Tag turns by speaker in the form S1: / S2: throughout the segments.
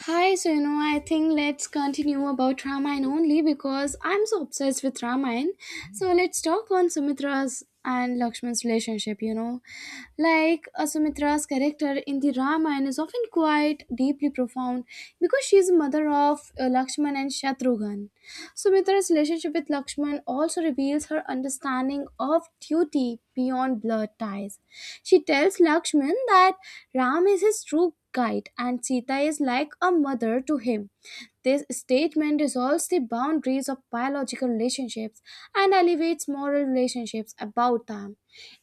S1: Hi, I think let's continue about Ramayana only because I'm so obsessed with Ramayana. So let's talk on Sumitra's and Lakshman's relationship. Sumitra's character in the Ramayana is often quite deeply profound because she is mother of Lakshman and Shatrughan. Sumitra's relationship with Lakshman also reveals her understanding of duty beyond blood ties. She tells Lakshman that Ram is his true guide and Sita is like a mother to him. This statement dissolves the boundaries of biological relationships and elevates moral relationships about them.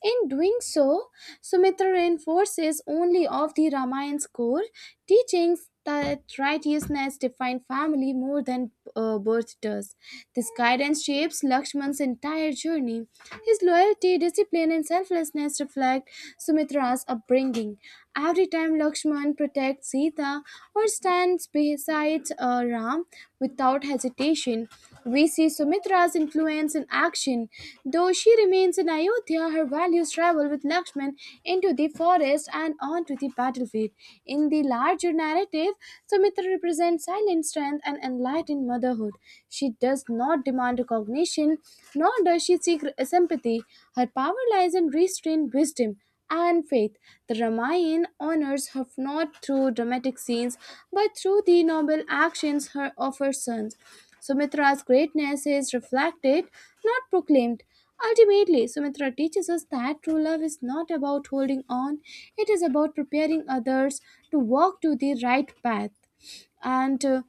S1: In doing so, Sumitra reinforces only of the Ramayan's core teachings that righteousness defines family more than birth does. This guidance shapes Lakshman's entire journey. His loyalty, discipline, and selflessness reflect Sumitra's upbringing. Every time Lakshman protects Sita or stands beside Ram, without hesitation, we see Sumitra's influence in action. Though she remains in Ayodhya, her values travel with Lakshman into the forest and onto the battlefield. In the larger narrative, Sumitra represents silent strength and enlightened motherhood. She does not demand recognition, nor does she seek sympathy. Her power lies in restrained wisdom and faith. The Ramayana honors her not through dramatic scenes but through the noble actions her of her sons. Sumitra's greatness is reflected, not proclaimed. Ultimately, Sumitra teaches us that true love is not about holding on, it is about preparing others to walk to the right path. And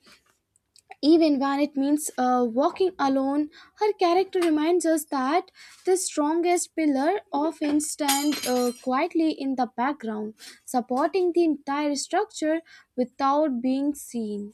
S1: Even when it means walking alone, her character reminds us that the strongest pillar often stand quietly in the background, supporting the entire structure without being seen,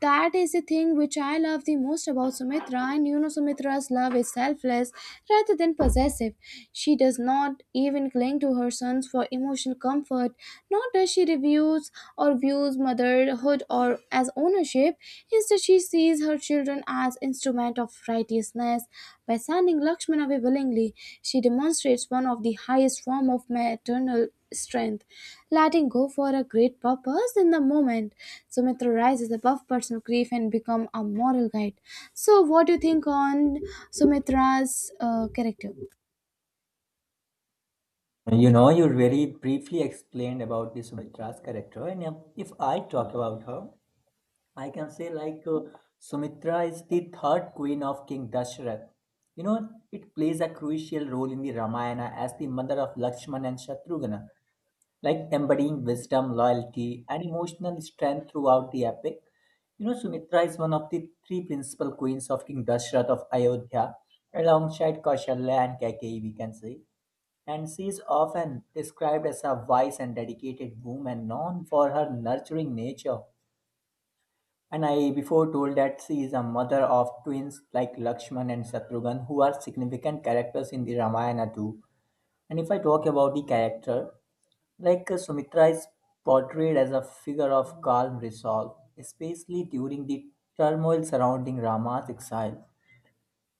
S1: that is the thing which I love the most about Sumitra. Sumitra's love is selfless rather than possessive. She does not even cling to her sons for emotional comfort, nor does she reviews or views motherhood or as ownership. Instead, she sees her children as instrument of righteousness. By sending Lakshmana away willingly, she demonstrates one of the highest form of maternal strength, letting go for a great purpose in the moment. Sumitra rises above personal grief and become a moral guide. So, what do you think on Sumitra's character?
S2: You know, you very briefly explained about the Sumitra's character, and if I talk about her, I can say Sumitra is the third queen of King Dashrath. You know, it plays a crucial role in the Ramayana as the mother of Lakshmana and Shatrughna, like embodying wisdom, loyalty, and emotional strength throughout the epic. You know, Sumitra is one of the three principal queens of King Dashrath of Ayodhya, alongside Kaushalya and Kaikeyi, we can say. And she is often described as a wise and dedicated woman known for her nurturing nature, and I before told that she is a mother of twins like Lakshman and Shatrughan, who are significant characters in the Ramayana too. And if I talk about the character, Sumitra is portrayed as a figure of calm resolve, especially during the turmoil surrounding Rama's exile.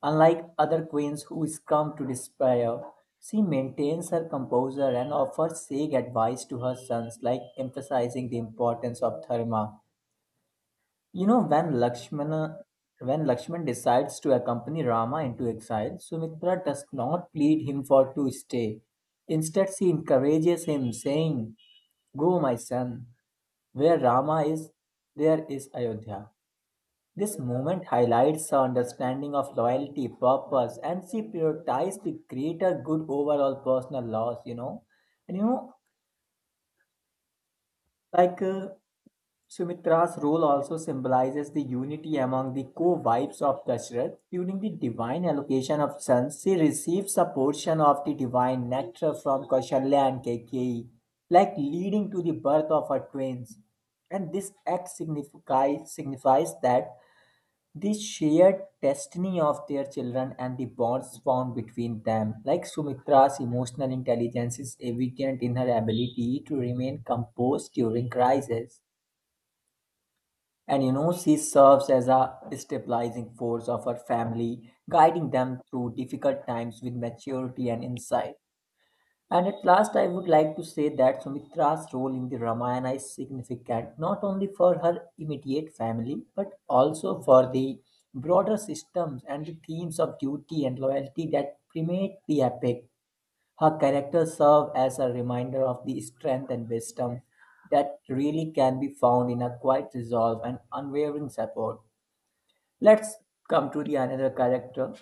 S2: Unlike other queens who succumb to despair, she maintains her composure and offers sage advice to her sons, like emphasizing the importance of dharma. You know, when Lakshman decides to accompany Rama into exile, Sumitra does not plead him for to stay. Instead, she encourages him, saying, "Go, my son, where Rama is, there is Ayodhya." This moment highlights her understanding of loyalty, purpose, and she prioritized the greater good over all personal loss. And like uh, Sumitra's role also symbolizes the unity among the co-wives of Dashrath. During the divine allocation of sons, she receives a portion of the divine nectar from Kaushalya and Keikeyi, like leading to the birth of her twins. And this act signifies that the shared destiny of their children and the bonds formed between them. Like Sumitra's emotional intelligence is evident in her ability to remain composed during crisis. And you know, she serves as a stabilizing force of her family, guiding them through difficult times with maturity and insight. And at last, I would like to say that Sumitra's role in the Ramayana is significant not only for her immediate family but also for the broader systems and the themes of duty and loyalty that permeate the epic. Her characters serve as a reminder of the strength and wisdom that really can be found in a quiet resolve and unwavering support. Let's come to the another character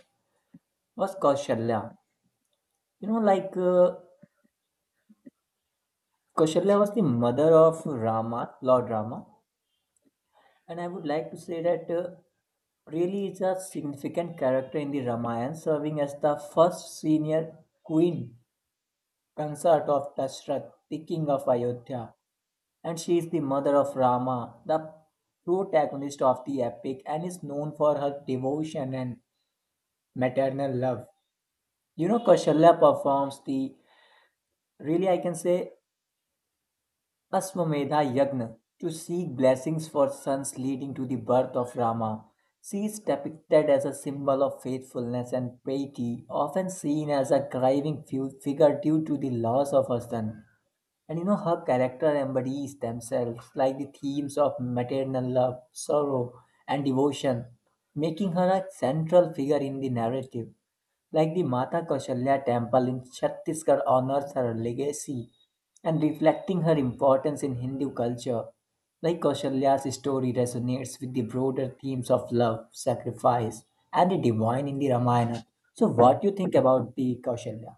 S2: was Kaushalya. You know, Kaushalya was the mother of Rama, Lord Rama, and I would like to say that really is a significant character in the Ramayana, serving as the first senior queen consort of Dashrath, the king of Ayodhya, and she is the mother of Rama, the protagonist of the epic, and is known for her devotion and maternal love. You know, Kaushalya performs the, really, I can say, Aswamedha Yagna to seek blessings for sons, leading to the birth of Rama. She is depicted as a symbol of faithfulness and piety, often seen as a grieving figure due to the loss of her son. And you know, her character embodies themselves, like the themes of maternal love, sorrow, and devotion, making her a central figure in the narrative. Like the Mata Kaushalya temple in Chhattisgarh honors her legacy and reflecting her importance in Hindu culture. Like Kaushalya's story resonates with the broader themes of love, sacrifice, and the divine in the Ramayana. So, what do you think about the Kaushalya?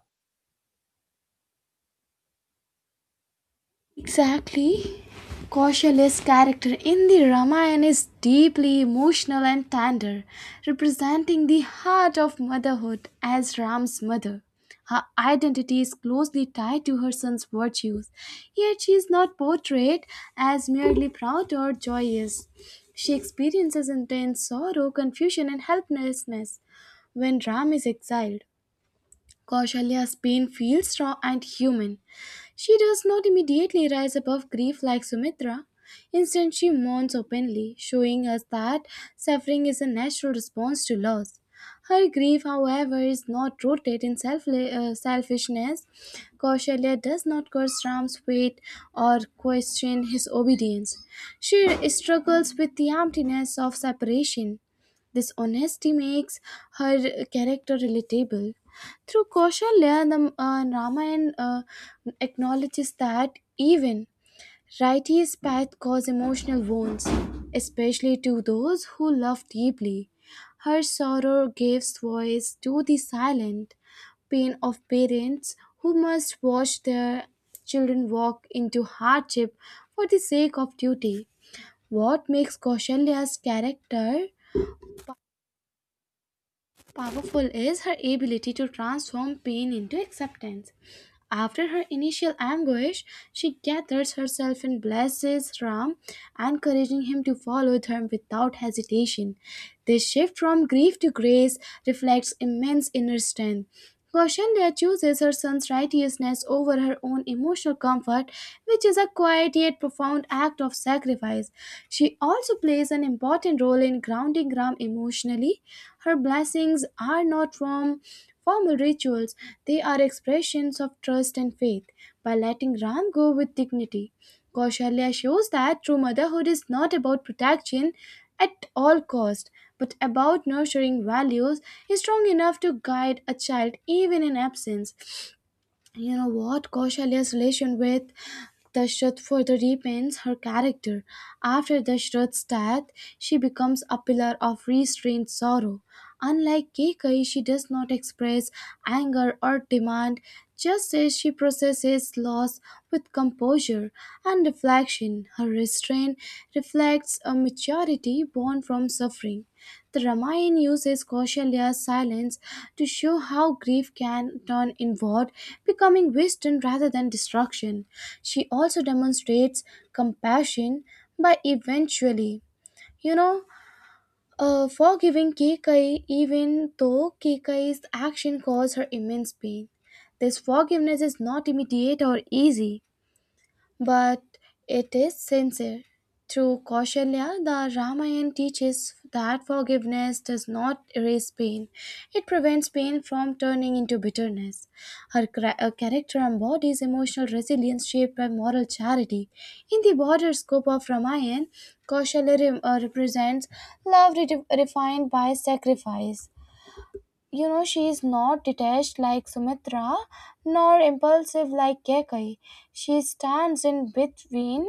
S1: Exactly. Kaushalia's character in the Ramayana is deeply emotional and tender, representing the heart of motherhood as Ram's mother. Her identity is closely tied to her son's virtues, yet she is not portrayed as merely proud or joyous. She experiences intense sorrow, confusion, and helplessness when Ram is exiled. Kaushalya's pain feels raw and human, she does not immediately rise above grief like Sumitra. Instead, she mourns openly, showing us that suffering is a natural response to loss. Her grief, however, is not rooted in selfishness. Kausalya does not curse Ram's fate or question his obedience. She struggles with the emptiness of separation. This honesty makes her character relatable. Through Kaushalya, the Ramayana acknowledges that even righteous paths cause emotional wounds, especially to those who love deeply. Her sorrow gives voice to the silent pain of parents who must watch their children walk into hardship for the sake of duty. What makes Kaushalya's character powerful is her ability to transform pain into acceptance. After her initial anguish, she gathers herself and blesses Ram, encouraging him to follow them without hesitation. This shift from grief to grace reflects immense inner strength. Kaushalya chooses her son's righteousness over her own emotional comfort, which is a quiet yet profound act of sacrifice. She also plays an important role in grounding Ram emotionally. Her blessings are not from formal rituals, they are expressions of trust and faith. By letting Ram go with dignity, Kaushalya shows that true motherhood is not about protection at all cost, but about nurturing values is strong enough to guide a child even in absence. You know what? Kaushalya's relation with Dashrath further deepens her character. After Dashrath's death, she becomes a pillar of restrained sorrow. Unlike Kekai, she does not express anger or demand justice. She processes loss with composure and reflection. Her restraint reflects a maturity born from suffering. The Ramayana uses Kaushalya's silence to show how grief can turn inward, becoming wisdom rather than destruction. She also demonstrates compassion by eventually, you know, forgiving Kikai even though Kikai's action caused her immense pain. This forgiveness is not immediate or easy, but it is sincere. Through Kaushalya, the Ramayana teaches that forgiveness does not erase pain, it prevents pain from turning into bitterness. Her character embodies emotional resilience shaped by moral charity. In the broader scope of Ramayana, Kaushalya represents love refined by sacrifice. You know, she is not detached like Sumitra nor impulsive like Kekai, she stands in between.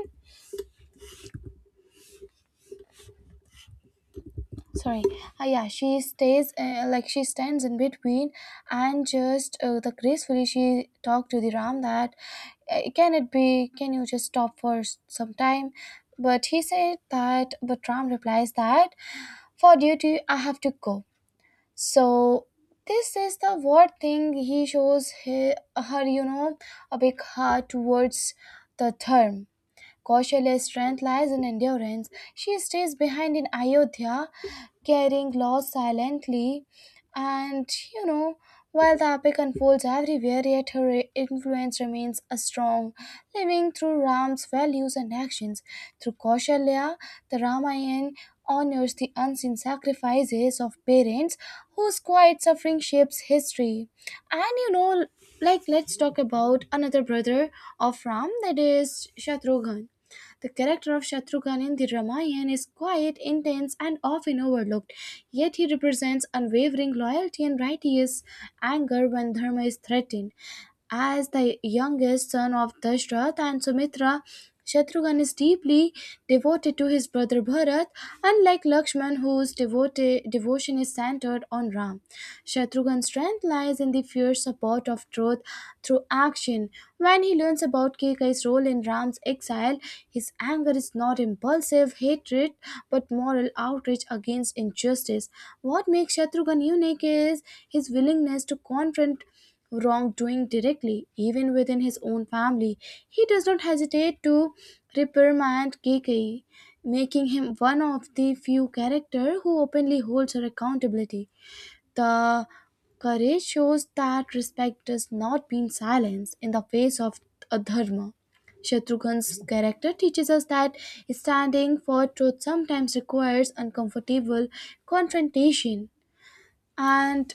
S1: Sorry. Yeah, she stays like she stands in between and just the gracefully she talked to the Ram that can it be, can you just stop for some time, but he said that, but Ram replies that for duty I have to go. So this is the what thing he shows he, her, you know, a big heart towards the term. Kaushalya's strength lies in endurance. She stays behind in Ayodhya, carrying loss silently. And you know, while the epic unfolds everywhere, yet her influence remains a strong, living through Ram's values and actions. Through Kaushalya, the Ramayana honors the unseen sacrifices of parents whose quiet suffering shapes history. And let's talk about another brother of Ram, that is Shatrughan. The character of Shatrughan in the Ramayana is quiet, intense, and often overlooked, yet he represents unwavering loyalty and righteous anger when dharma is threatened. As the youngest son of Dashrath and Sumitra, Shatrughan is deeply devoted to his brother Bharat, unlike Lakshman, whose devotion is centered on Ram. Shatrughan's strength lies in the fierce support of truth through action. When he learns about Keikai's role in Ram's exile, his anger is not impulsive hatred but moral outrage against injustice. What makes Shatrughan unique is his willingness to confront wrongdoing directly, even within his own family. He does not hesitate to reprimand Keikei, making him one of the few characters who openly holds her accountability. The courage shows that respect does not mean silence in the face of a dharma. Shatrughan's character teaches us that standing for truth sometimes requires uncomfortable confrontation. And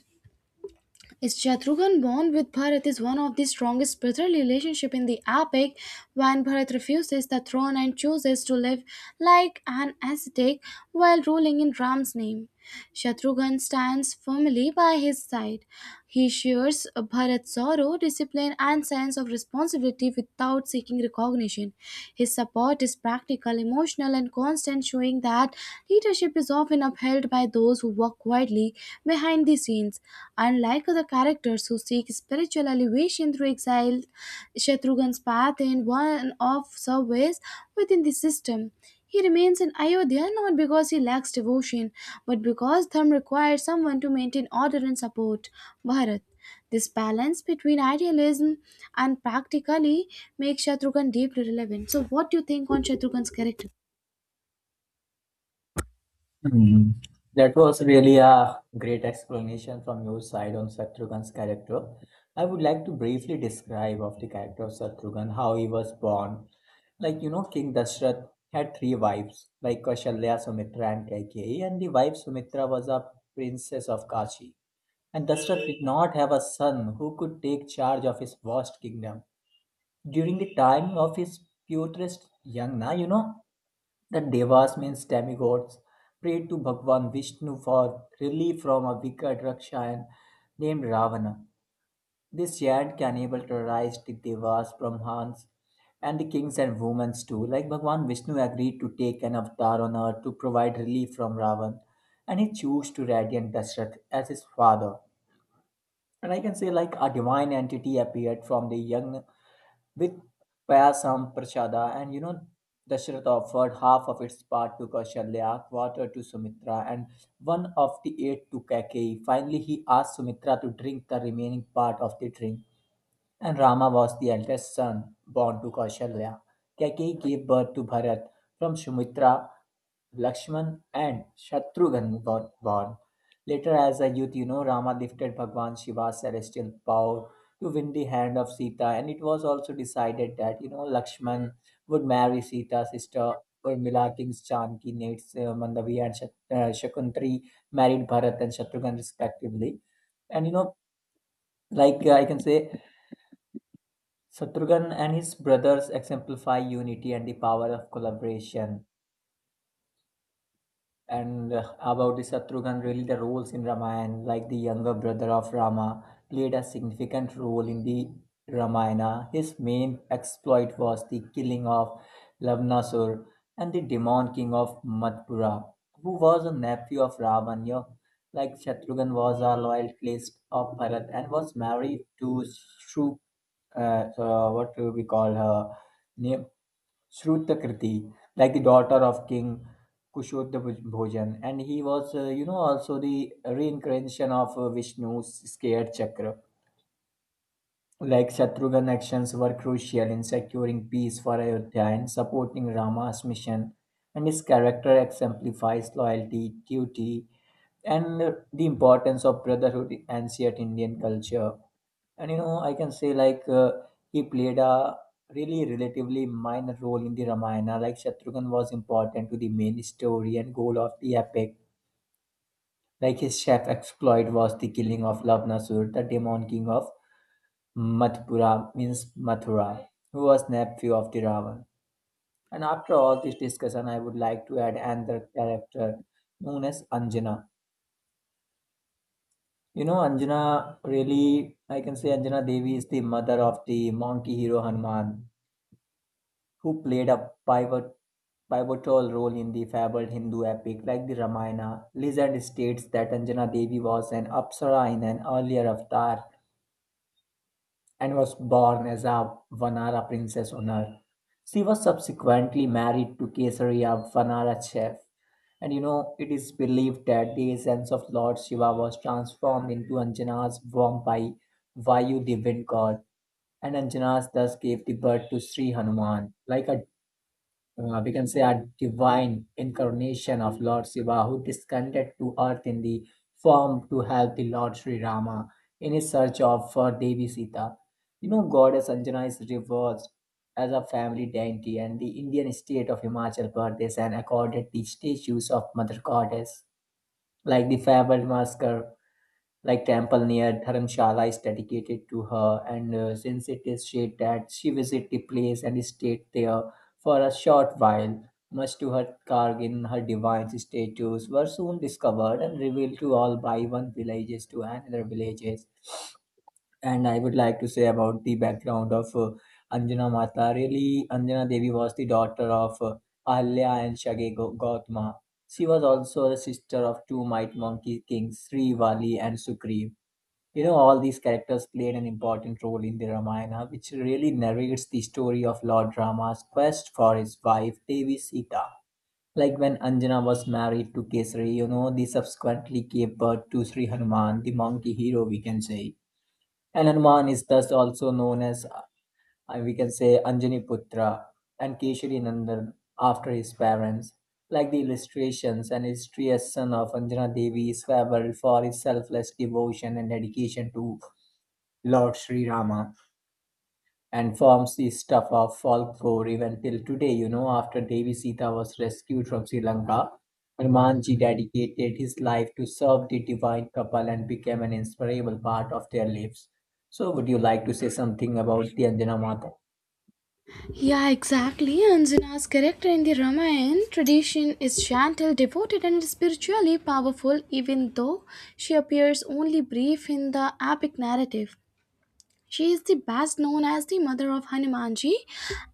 S1: Shatrughan bond with Bharat is one of the strongest brotherly relationship in the epic. When Bharat refuses the throne and chooses to live like an ascetic while ruling in Ram's name, Shatrughan stands firmly by his side. He shares Bharat's sorrow, discipline, and sense of responsibility without seeking recognition. His support is practical, emotional, and constant, showing that leadership is often upheld by those who work quietly behind the scenes. Unlike other characters who seek spiritual elevation through exile, Shatrughan's path in one of service within the system. He remains in Ayodhya not because he lacks devotion, but because Dharma requires someone to maintain order and support Bharat. This balance between idealism and practically makes Shatrughan deeply relevant. So, what do you think on Shatrughan's character?
S2: Hmm. That was really a great explanation from your side on Shatrughan's character. I would like to briefly describe of the character of Shatrughan, how he was born. Like you know, King Dashrath had three wives, like Kaushalya, Sumitra, and Kaikeyi, and the wife Sumitra was a princess of Kashi. And Dashrath did not have a son who could take charge of his vast kingdom. During the time of his purest yagna, you know, the devas means demigods prayed to Bhagwan Vishnu for relief from a wicked rakshas named Ravana. This chant can able to rise the devas, Brahmans, and the kings and women too. Like Bhagwan Vishnu agreed to take an avatar on earth to provide relief from Ravan, and he chose to radiant Dashrath as his father. And I can say like a divine entity appeared from the young with Payasam Prasada, and you know, Dasharatha offered half of its part to Kaushalya, quarter to Sumitra, and one of the eight to Kaikeyi. Finally, he asked Sumitra to drink the remaining part of the drink. And Rama was the eldest son born to Kausalya. Kaki gave birth to Bharat. From Sumitra, Lakshman and Shatrughan were born. Later, as a youth, you know, Rama lifted Bhagwan Shiva's celestial power to win the hand of Sita, and it was also decided that you know Lakshman would marry Sita's sister Urmila, Kings Chanki, Nates, Mandavi, and Shakuntri married Bharat and Shatrughan respectively. And I can say Shatrughan and his brothers exemplify unity and the power of collaboration. And about the Shatrughan, really the roles in Ramayana, like the younger brother of Rama, played a significant role in the Ramayana. His main exploit was the killing of Lavanasur and the demon king of Madhpura, who was a nephew of Ravana. Like Shatrughan was a loyal priest of Bharat and was married to what do we call her name, Shrutakirti, like the daughter of King Kushodha, and he was, you know, also the reincarnation of Vishnu's scared chakra. Like Shatrughan's actions were crucial in securing peace for Ayodhya and supporting Rama's mission, and his character exemplifies loyalty, duty, and the importance of brotherhood in ancient Indian culture. And you know, I can say he played a really relatively minor role in the Ramayana. Like Shatrughan was important to the main story and goal of the epic. Like his chef exploit was the killing of Lavanasur, the demon king of Mathura, means Mathura, who was nephew of the Ravan. And after all this discussion, I would like to add another character known as Anjana. You know, Anjana, really, I can say Anjana Devi is the mother of the monkey hero Hanuman who played a pivotal role in the fabled Hindu epic like the Ramayana. Legend states that Anjana Devi was an apsara in an earlier avatar and was born as a Vanara princess on earth. She was subsequently married to Kesari, a Vanara chief. And you know, it is believed that the essence of Lord Shiva was transformed into Anjana's womb by Vayu, the wind god, and Anjanas thus gave the birth to Sri Hanuman. Like a, we can say, a divine incarnation of Lord Shiva who descended to earth in the form to help the Lord Sri Rama in his search of for Devi Sita. You know, Goddess Anjana is reversed as a family deity and the Indian state of Himachal Pradesh and accorded the statues of Mother Goddess, like the fabled masker like temple near Dharamshala is dedicated to her, and since it is said that she visited the place and stayed there for a short while, much to her Kargin, her divine statues were soon discovered and revealed to all by one villages to another villages. And I would like to say about the background of Anjana Mata. Really, Anjana Devi was the daughter of Ahalya and Shage Gautama. She was also the sister of two might monkey kings, Sri Vali and Sugriv. You know, all these characters played an important role in the Ramayana, which really narrates the story of Lord Rama's quest for his wife Devi Sita. Like when Anjana was married to Kesari, you know, they subsequently gave birth to Sri Hanuman, the monkey hero, we can say. And Hanuman is thus also known as, we can say, Anjani Putra and Kesari Nandan after his parents. Like the illustrations, an illustrious son of Anjana Devi is fabled for his selfless devotion and dedication to Lord Sri Rama and forms the stuff of folklore even till today. You know, after Devi Sita was rescued from Sri Lanka, Hanumanji dedicated his life to serve the divine couple and became an inseparable part of their lives. So, would you like to say something about the Anjana Mata?
S1: Yeah, exactly. Anjana's character in the Ramayana tradition is gentle, devoted, and spiritually powerful, even though she appears only brief in the epic narrative. She is the best known as the mother of Hanumanji,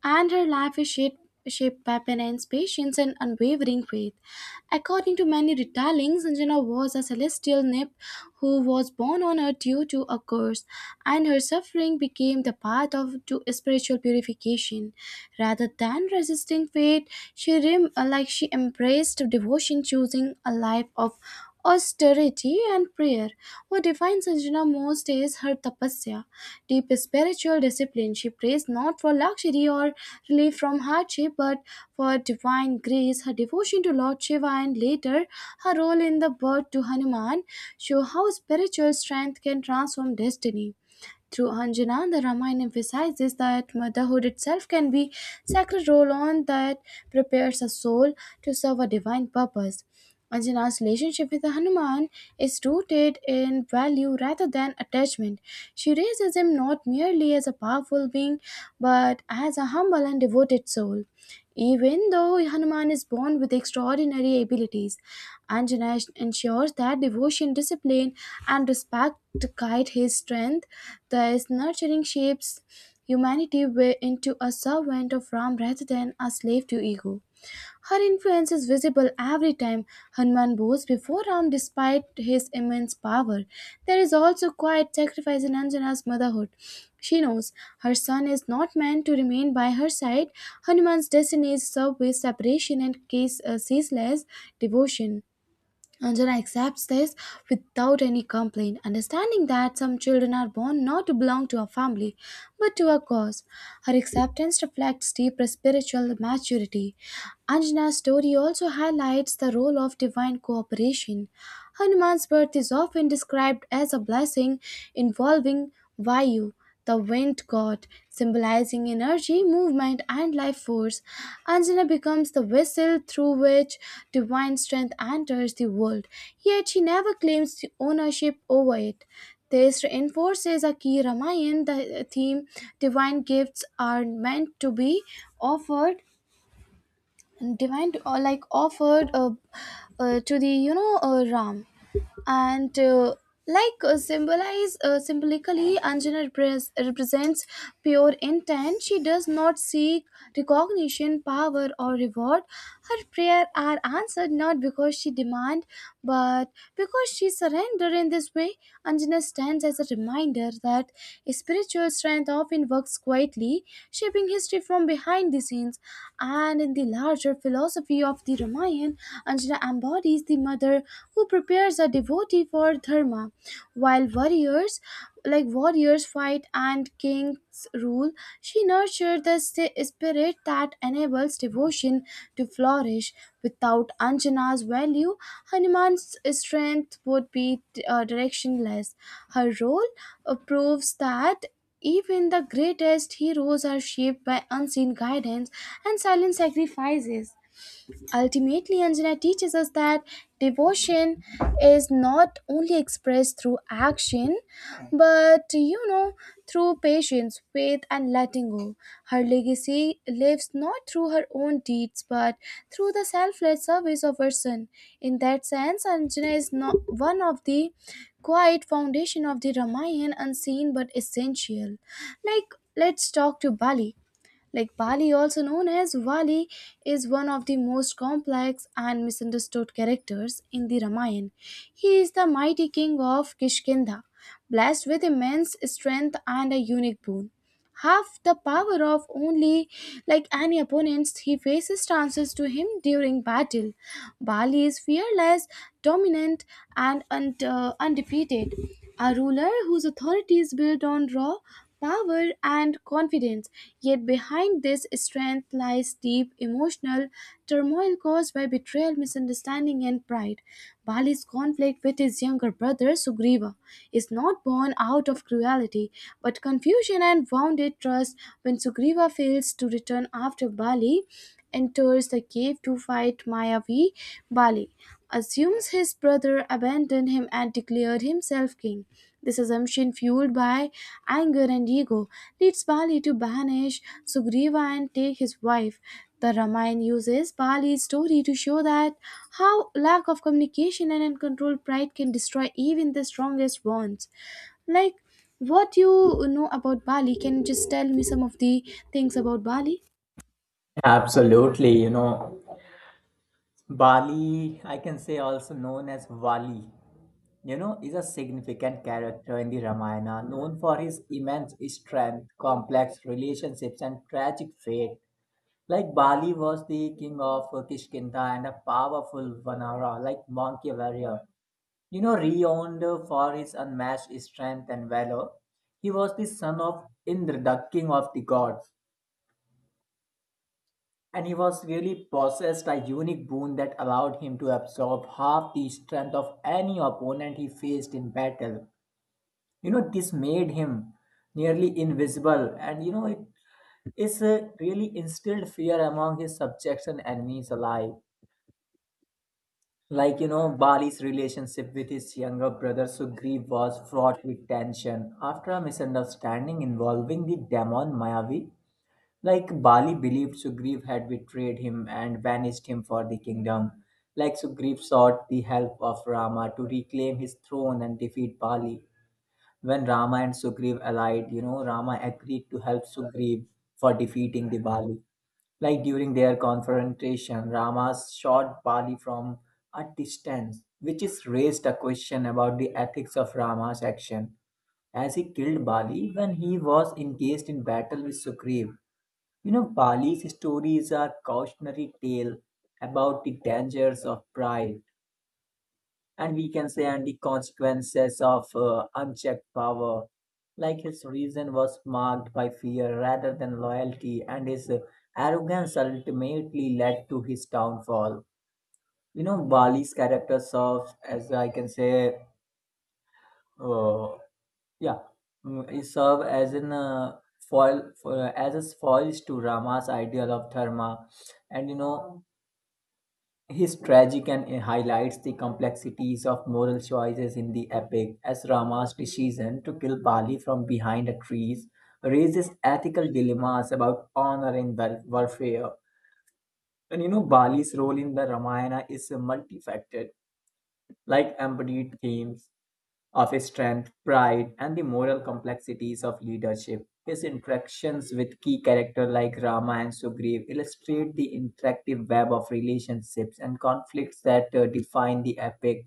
S1: and her life is shaped by penance, patience, and unwavering faith. According to many retellings, Anjana was a celestial nymph who was born on earth due to a curse, and her suffering became the path of to spiritual purification. Rather than resisting fate, she rem- like she embraced devotion, choosing a life of austerity and prayer. What defines Anjana most is her tapasya, deep spiritual discipline. She prays not for luxury or relief from hardship, but for divine grace. Her devotion to Lord Shiva and later her role in the birth to Hanuman show how spiritual strength can transform destiny. Through Anjana, the Ramayana emphasizes that motherhood itself can be sacred role on that prepares a soul to serve a divine purpose. Anjana's relationship with Hanuman is rooted in value rather than attachment. She raises him not merely as a powerful being, but as a humble and devoted soul. Even though Hanuman is born with extraordinary abilities, Anjana ensures that devotion, discipline, and respect guide his strength. Thus, nurturing shapes humanity into a servant of Ram rather than a slave to ego. Her influence is visible every time Hanuman bows before Ram despite his immense power. There is also quiet sacrifice in Anjana's motherhood. She knows her son is not meant to remain by her side. Hanuman's destiny is served with separation and ceaseless devotion. Anjana accepts this without any complaint, understanding that some children are born not to belong to a family but to a cause. Her acceptance reflects deeper spiritual maturity. Anjana's story also highlights the role of divine cooperation. Hanuman's birth is often described as a blessing involving Vayu, the wind god, symbolizing energy, movement, and life force. Anjana becomes the vessel through which divine strength enters the world, yet she never claims the ownership over it. This reinforces a key Ramayana the theme: divine gifts are meant to be offered, divine or offered, to the Ram and symbolize, symbolically Anjana represents pure intent. She does not seek recognition, power, or reward. Her prayer are answered not because she demand, but because she surrender. In this way, Anjana stands as a reminder that spiritual strength often works quietly, shaping history from behind the scenes. And in the larger philosophy of the Ramayana, Anjana embodies the mother who prepares a devotee for dharma, while warriors warriors fight and kings rule. She nurtures the spirit that enables devotion to flourish. Without Anjana's value, Hanuman's strength would be directionless. Her role proves that even the greatest heroes are shaped by unseen guidance and silent sacrifices. Ultimately, Anjana teaches us that devotion is not only expressed through action, but through patience, faith, and letting go. Her legacy lives not through her own deeds, but through the selfless service of her son. In that sense, Anjana is not one of the quiet foundation of the Ramayana, unseen but essential. Let's talk to Bali. Like Bali, also known as Vali, is one of the most complex and misunderstood characters in the Ramayana. He is the mighty king of Kishkindha, blessed with immense strength and a unique boon: half the power of only like any opponents he faces chances to him during battle. Bali is fearless, dominant, and undefeated, a ruler whose authority is built on raw power and confidence. Yet behind this strength lies deep emotional turmoil caused by betrayal, misunderstanding, and pride. Bali's conflict with his younger brother Sugriva is not born out of cruelty city, but confusion and wounded trust. When Sugriva fails to return after Bali enters the cave to fight Mayavi, Bali assumes his brother abandoned him and declared himself king. This assumption, fueled by anger and ego, leads Bali to banish Sugriva and take his wife. The Ramayana uses Bali's story to show that how lack of communication and uncontrolled pride can destroy even the strongest bonds. Like, what you know about Bali? Can you just tell me some of the things about Bali?
S2: Absolutely, you know, Bali, I can say, also known as Vali, you know, is a significant character in the Ramayana, known for his immense strength, complex relationships, and tragic fate. Like Bali was the king of Kishkindha and a powerful Vanara, like monkey warrior. You know, renowned for his unmatched strength and valor, he was the son of Indra, the king of the gods, and he was really possessed a unique boon that allowed him to absorb half the strength of any opponent he faced in battle. You know, this made him nearly invisible, and you know, it is really instilled fear among his subjects and enemies alike. Like, you know, Bali's relationship with his younger brother Sugriv was fraught with tension after a misunderstanding involving the demon Mayavi. Like, Bali believed Sugriv had betrayed him and banished him for the kingdom. Like, Sugriv sought the help of Rama to reclaim his throne and defeat Bali. When Rama and Sugriv allied, you know, Rama agreed to help Sugriv for defeating the Bali. Like during their confrontation, Rama shot Bali from a distance, which is raised a question about the ethics of Rama's action, as he killed Bali when he was engaged in battle with Sugriva. You know, Bali's story is a cautionary tale about the dangers of pride, and we can say and the consequences of unchecked power. Like his reason was marked by fear rather than loyalty, and his arrogance ultimately led to his downfall. You know, Bali's character serves as, I can say, uh, yeah he served as an foil for, as a foil to Rama's ideal of dharma. And you know, his tragic and highlights the complexities of moral choices in the epic, as Rama's decision to kill Bali from behind a tree raises ethical dilemmas about honor and warfare. And you know, Bali's role in the Ramayana is multifaceted, like embodied themes of strength, pride, and the moral complexities of leadership. His interactions with key characters like Rama and Sugriv illustrate the interactive web of relationships and conflicts that define the epic,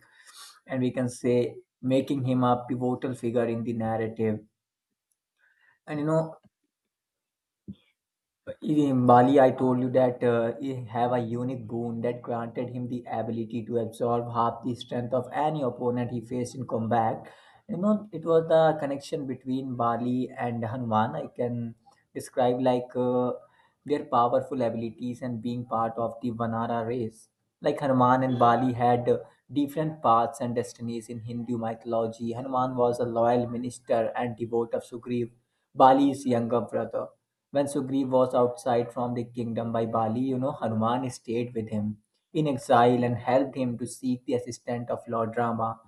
S2: and we can say making him a pivotal figure in the narrative. And you know, in Bali, I told you that he have a unique boon that granted him the ability to absorb half the strength of any opponent he faced in combat. You know, it was the connection between Bali and Hanuman. I can describe like their powerful abilities and being part of the Vanara race. Like Hanuman and Bali had different paths and destinies in Hindu mythology. Hanuman was a loyal minister and devote of Sugriv, Bali's younger brother. When Sugriv was outside from the kingdom by Bali, you know, Hanuman stayed with him in exile and helped him to seek the assistance of Lord Rama.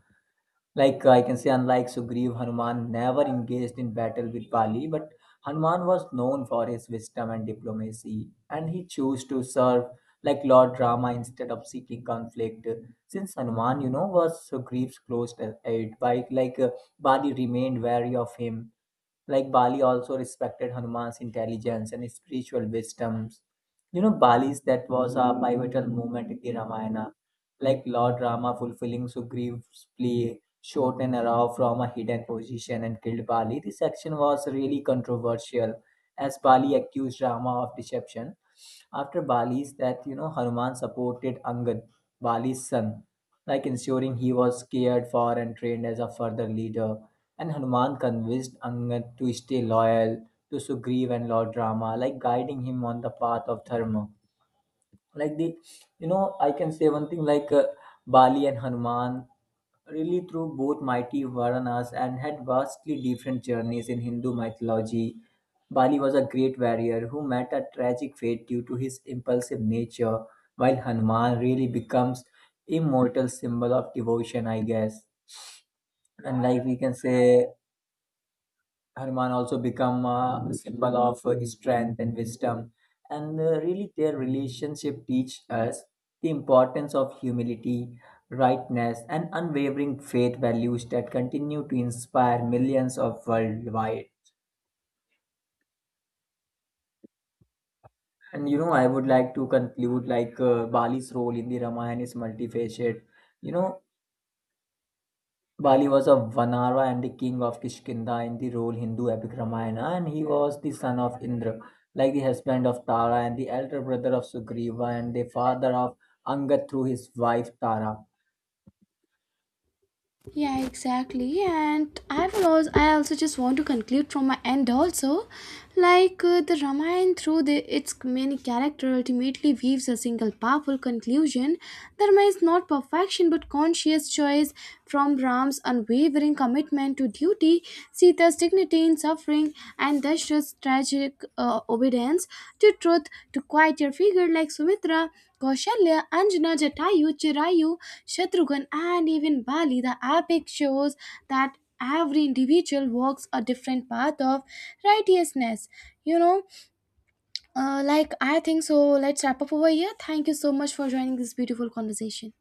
S2: Like I can say, unlike Sugriv, Hanuman never engaged in battle with Bali, but Hanuman was known for his wisdom and diplomacy, and he chose to serve like Lord Rama instead of seeking conflict. Since Hanuman, you know, was Sugriv's close aide, by like Bali remained wary of him. Like Bali also respected Hanuman's intelligence and spiritual wisdoms. You know, Bali's that was a pivotal moment in the Ramayana, like Lord Rama fulfilling Sugreev's plea, shot an arrow from a hidden position and killed Bali. This action was really controversial, as Bali accused Rama of deception. After Bali's death, you know, Hanuman supported Angad, Bali's son, like ensuring he was cared for and trained as a further leader. And Hanuman convinced Angad to stay loyal to Sugriv and Lord Rama, like guiding him on the path of dharma. Like the, you know, I can say one thing like Bali and Hanuman really through both mighty Varanas and had vastly different journeys in Hindu mythology. Bali was a great warrior who met a tragic fate due to his impulsive nature, while Hanuman really becomes immortal symbol of devotion, I guess. And like we can say Hanuman also become a symbol of strength and wisdom. And really, their relationship teach us the importance of humility, rightness, and unwavering faith values that continue to inspire millions of worldwide. And you know, I would like to conclude like Bali's role in the Ramayana is multifaceted. You know, Bali was a Vanara and the king of Kishkinda in the role Hindu epic Ramayana, and he was the son of Indra, like the husband of Tara and the elder brother of Sugriva and the father of Angad through his wife Tara.
S1: Yeah, exactly. And I will also, I also just want to conclude from my end also, the Ramayana through the, its many character ultimately weaves a single powerful conclusion. The Ramayana is not perfection but conscious choice, from Ram's unwavering commitment to duty, Sita's dignity in suffering, and thus tragic obedience to truth, to quite your figure like Sumitra, Kaushalya, Anjana, Jatayu, Chirayu, Shatrughan, and even Bali. The epic shows that every individual walks a different path of righteousness. You know, like I think so. Let's wrap up over here. Thank you so much for joining this beautiful conversation.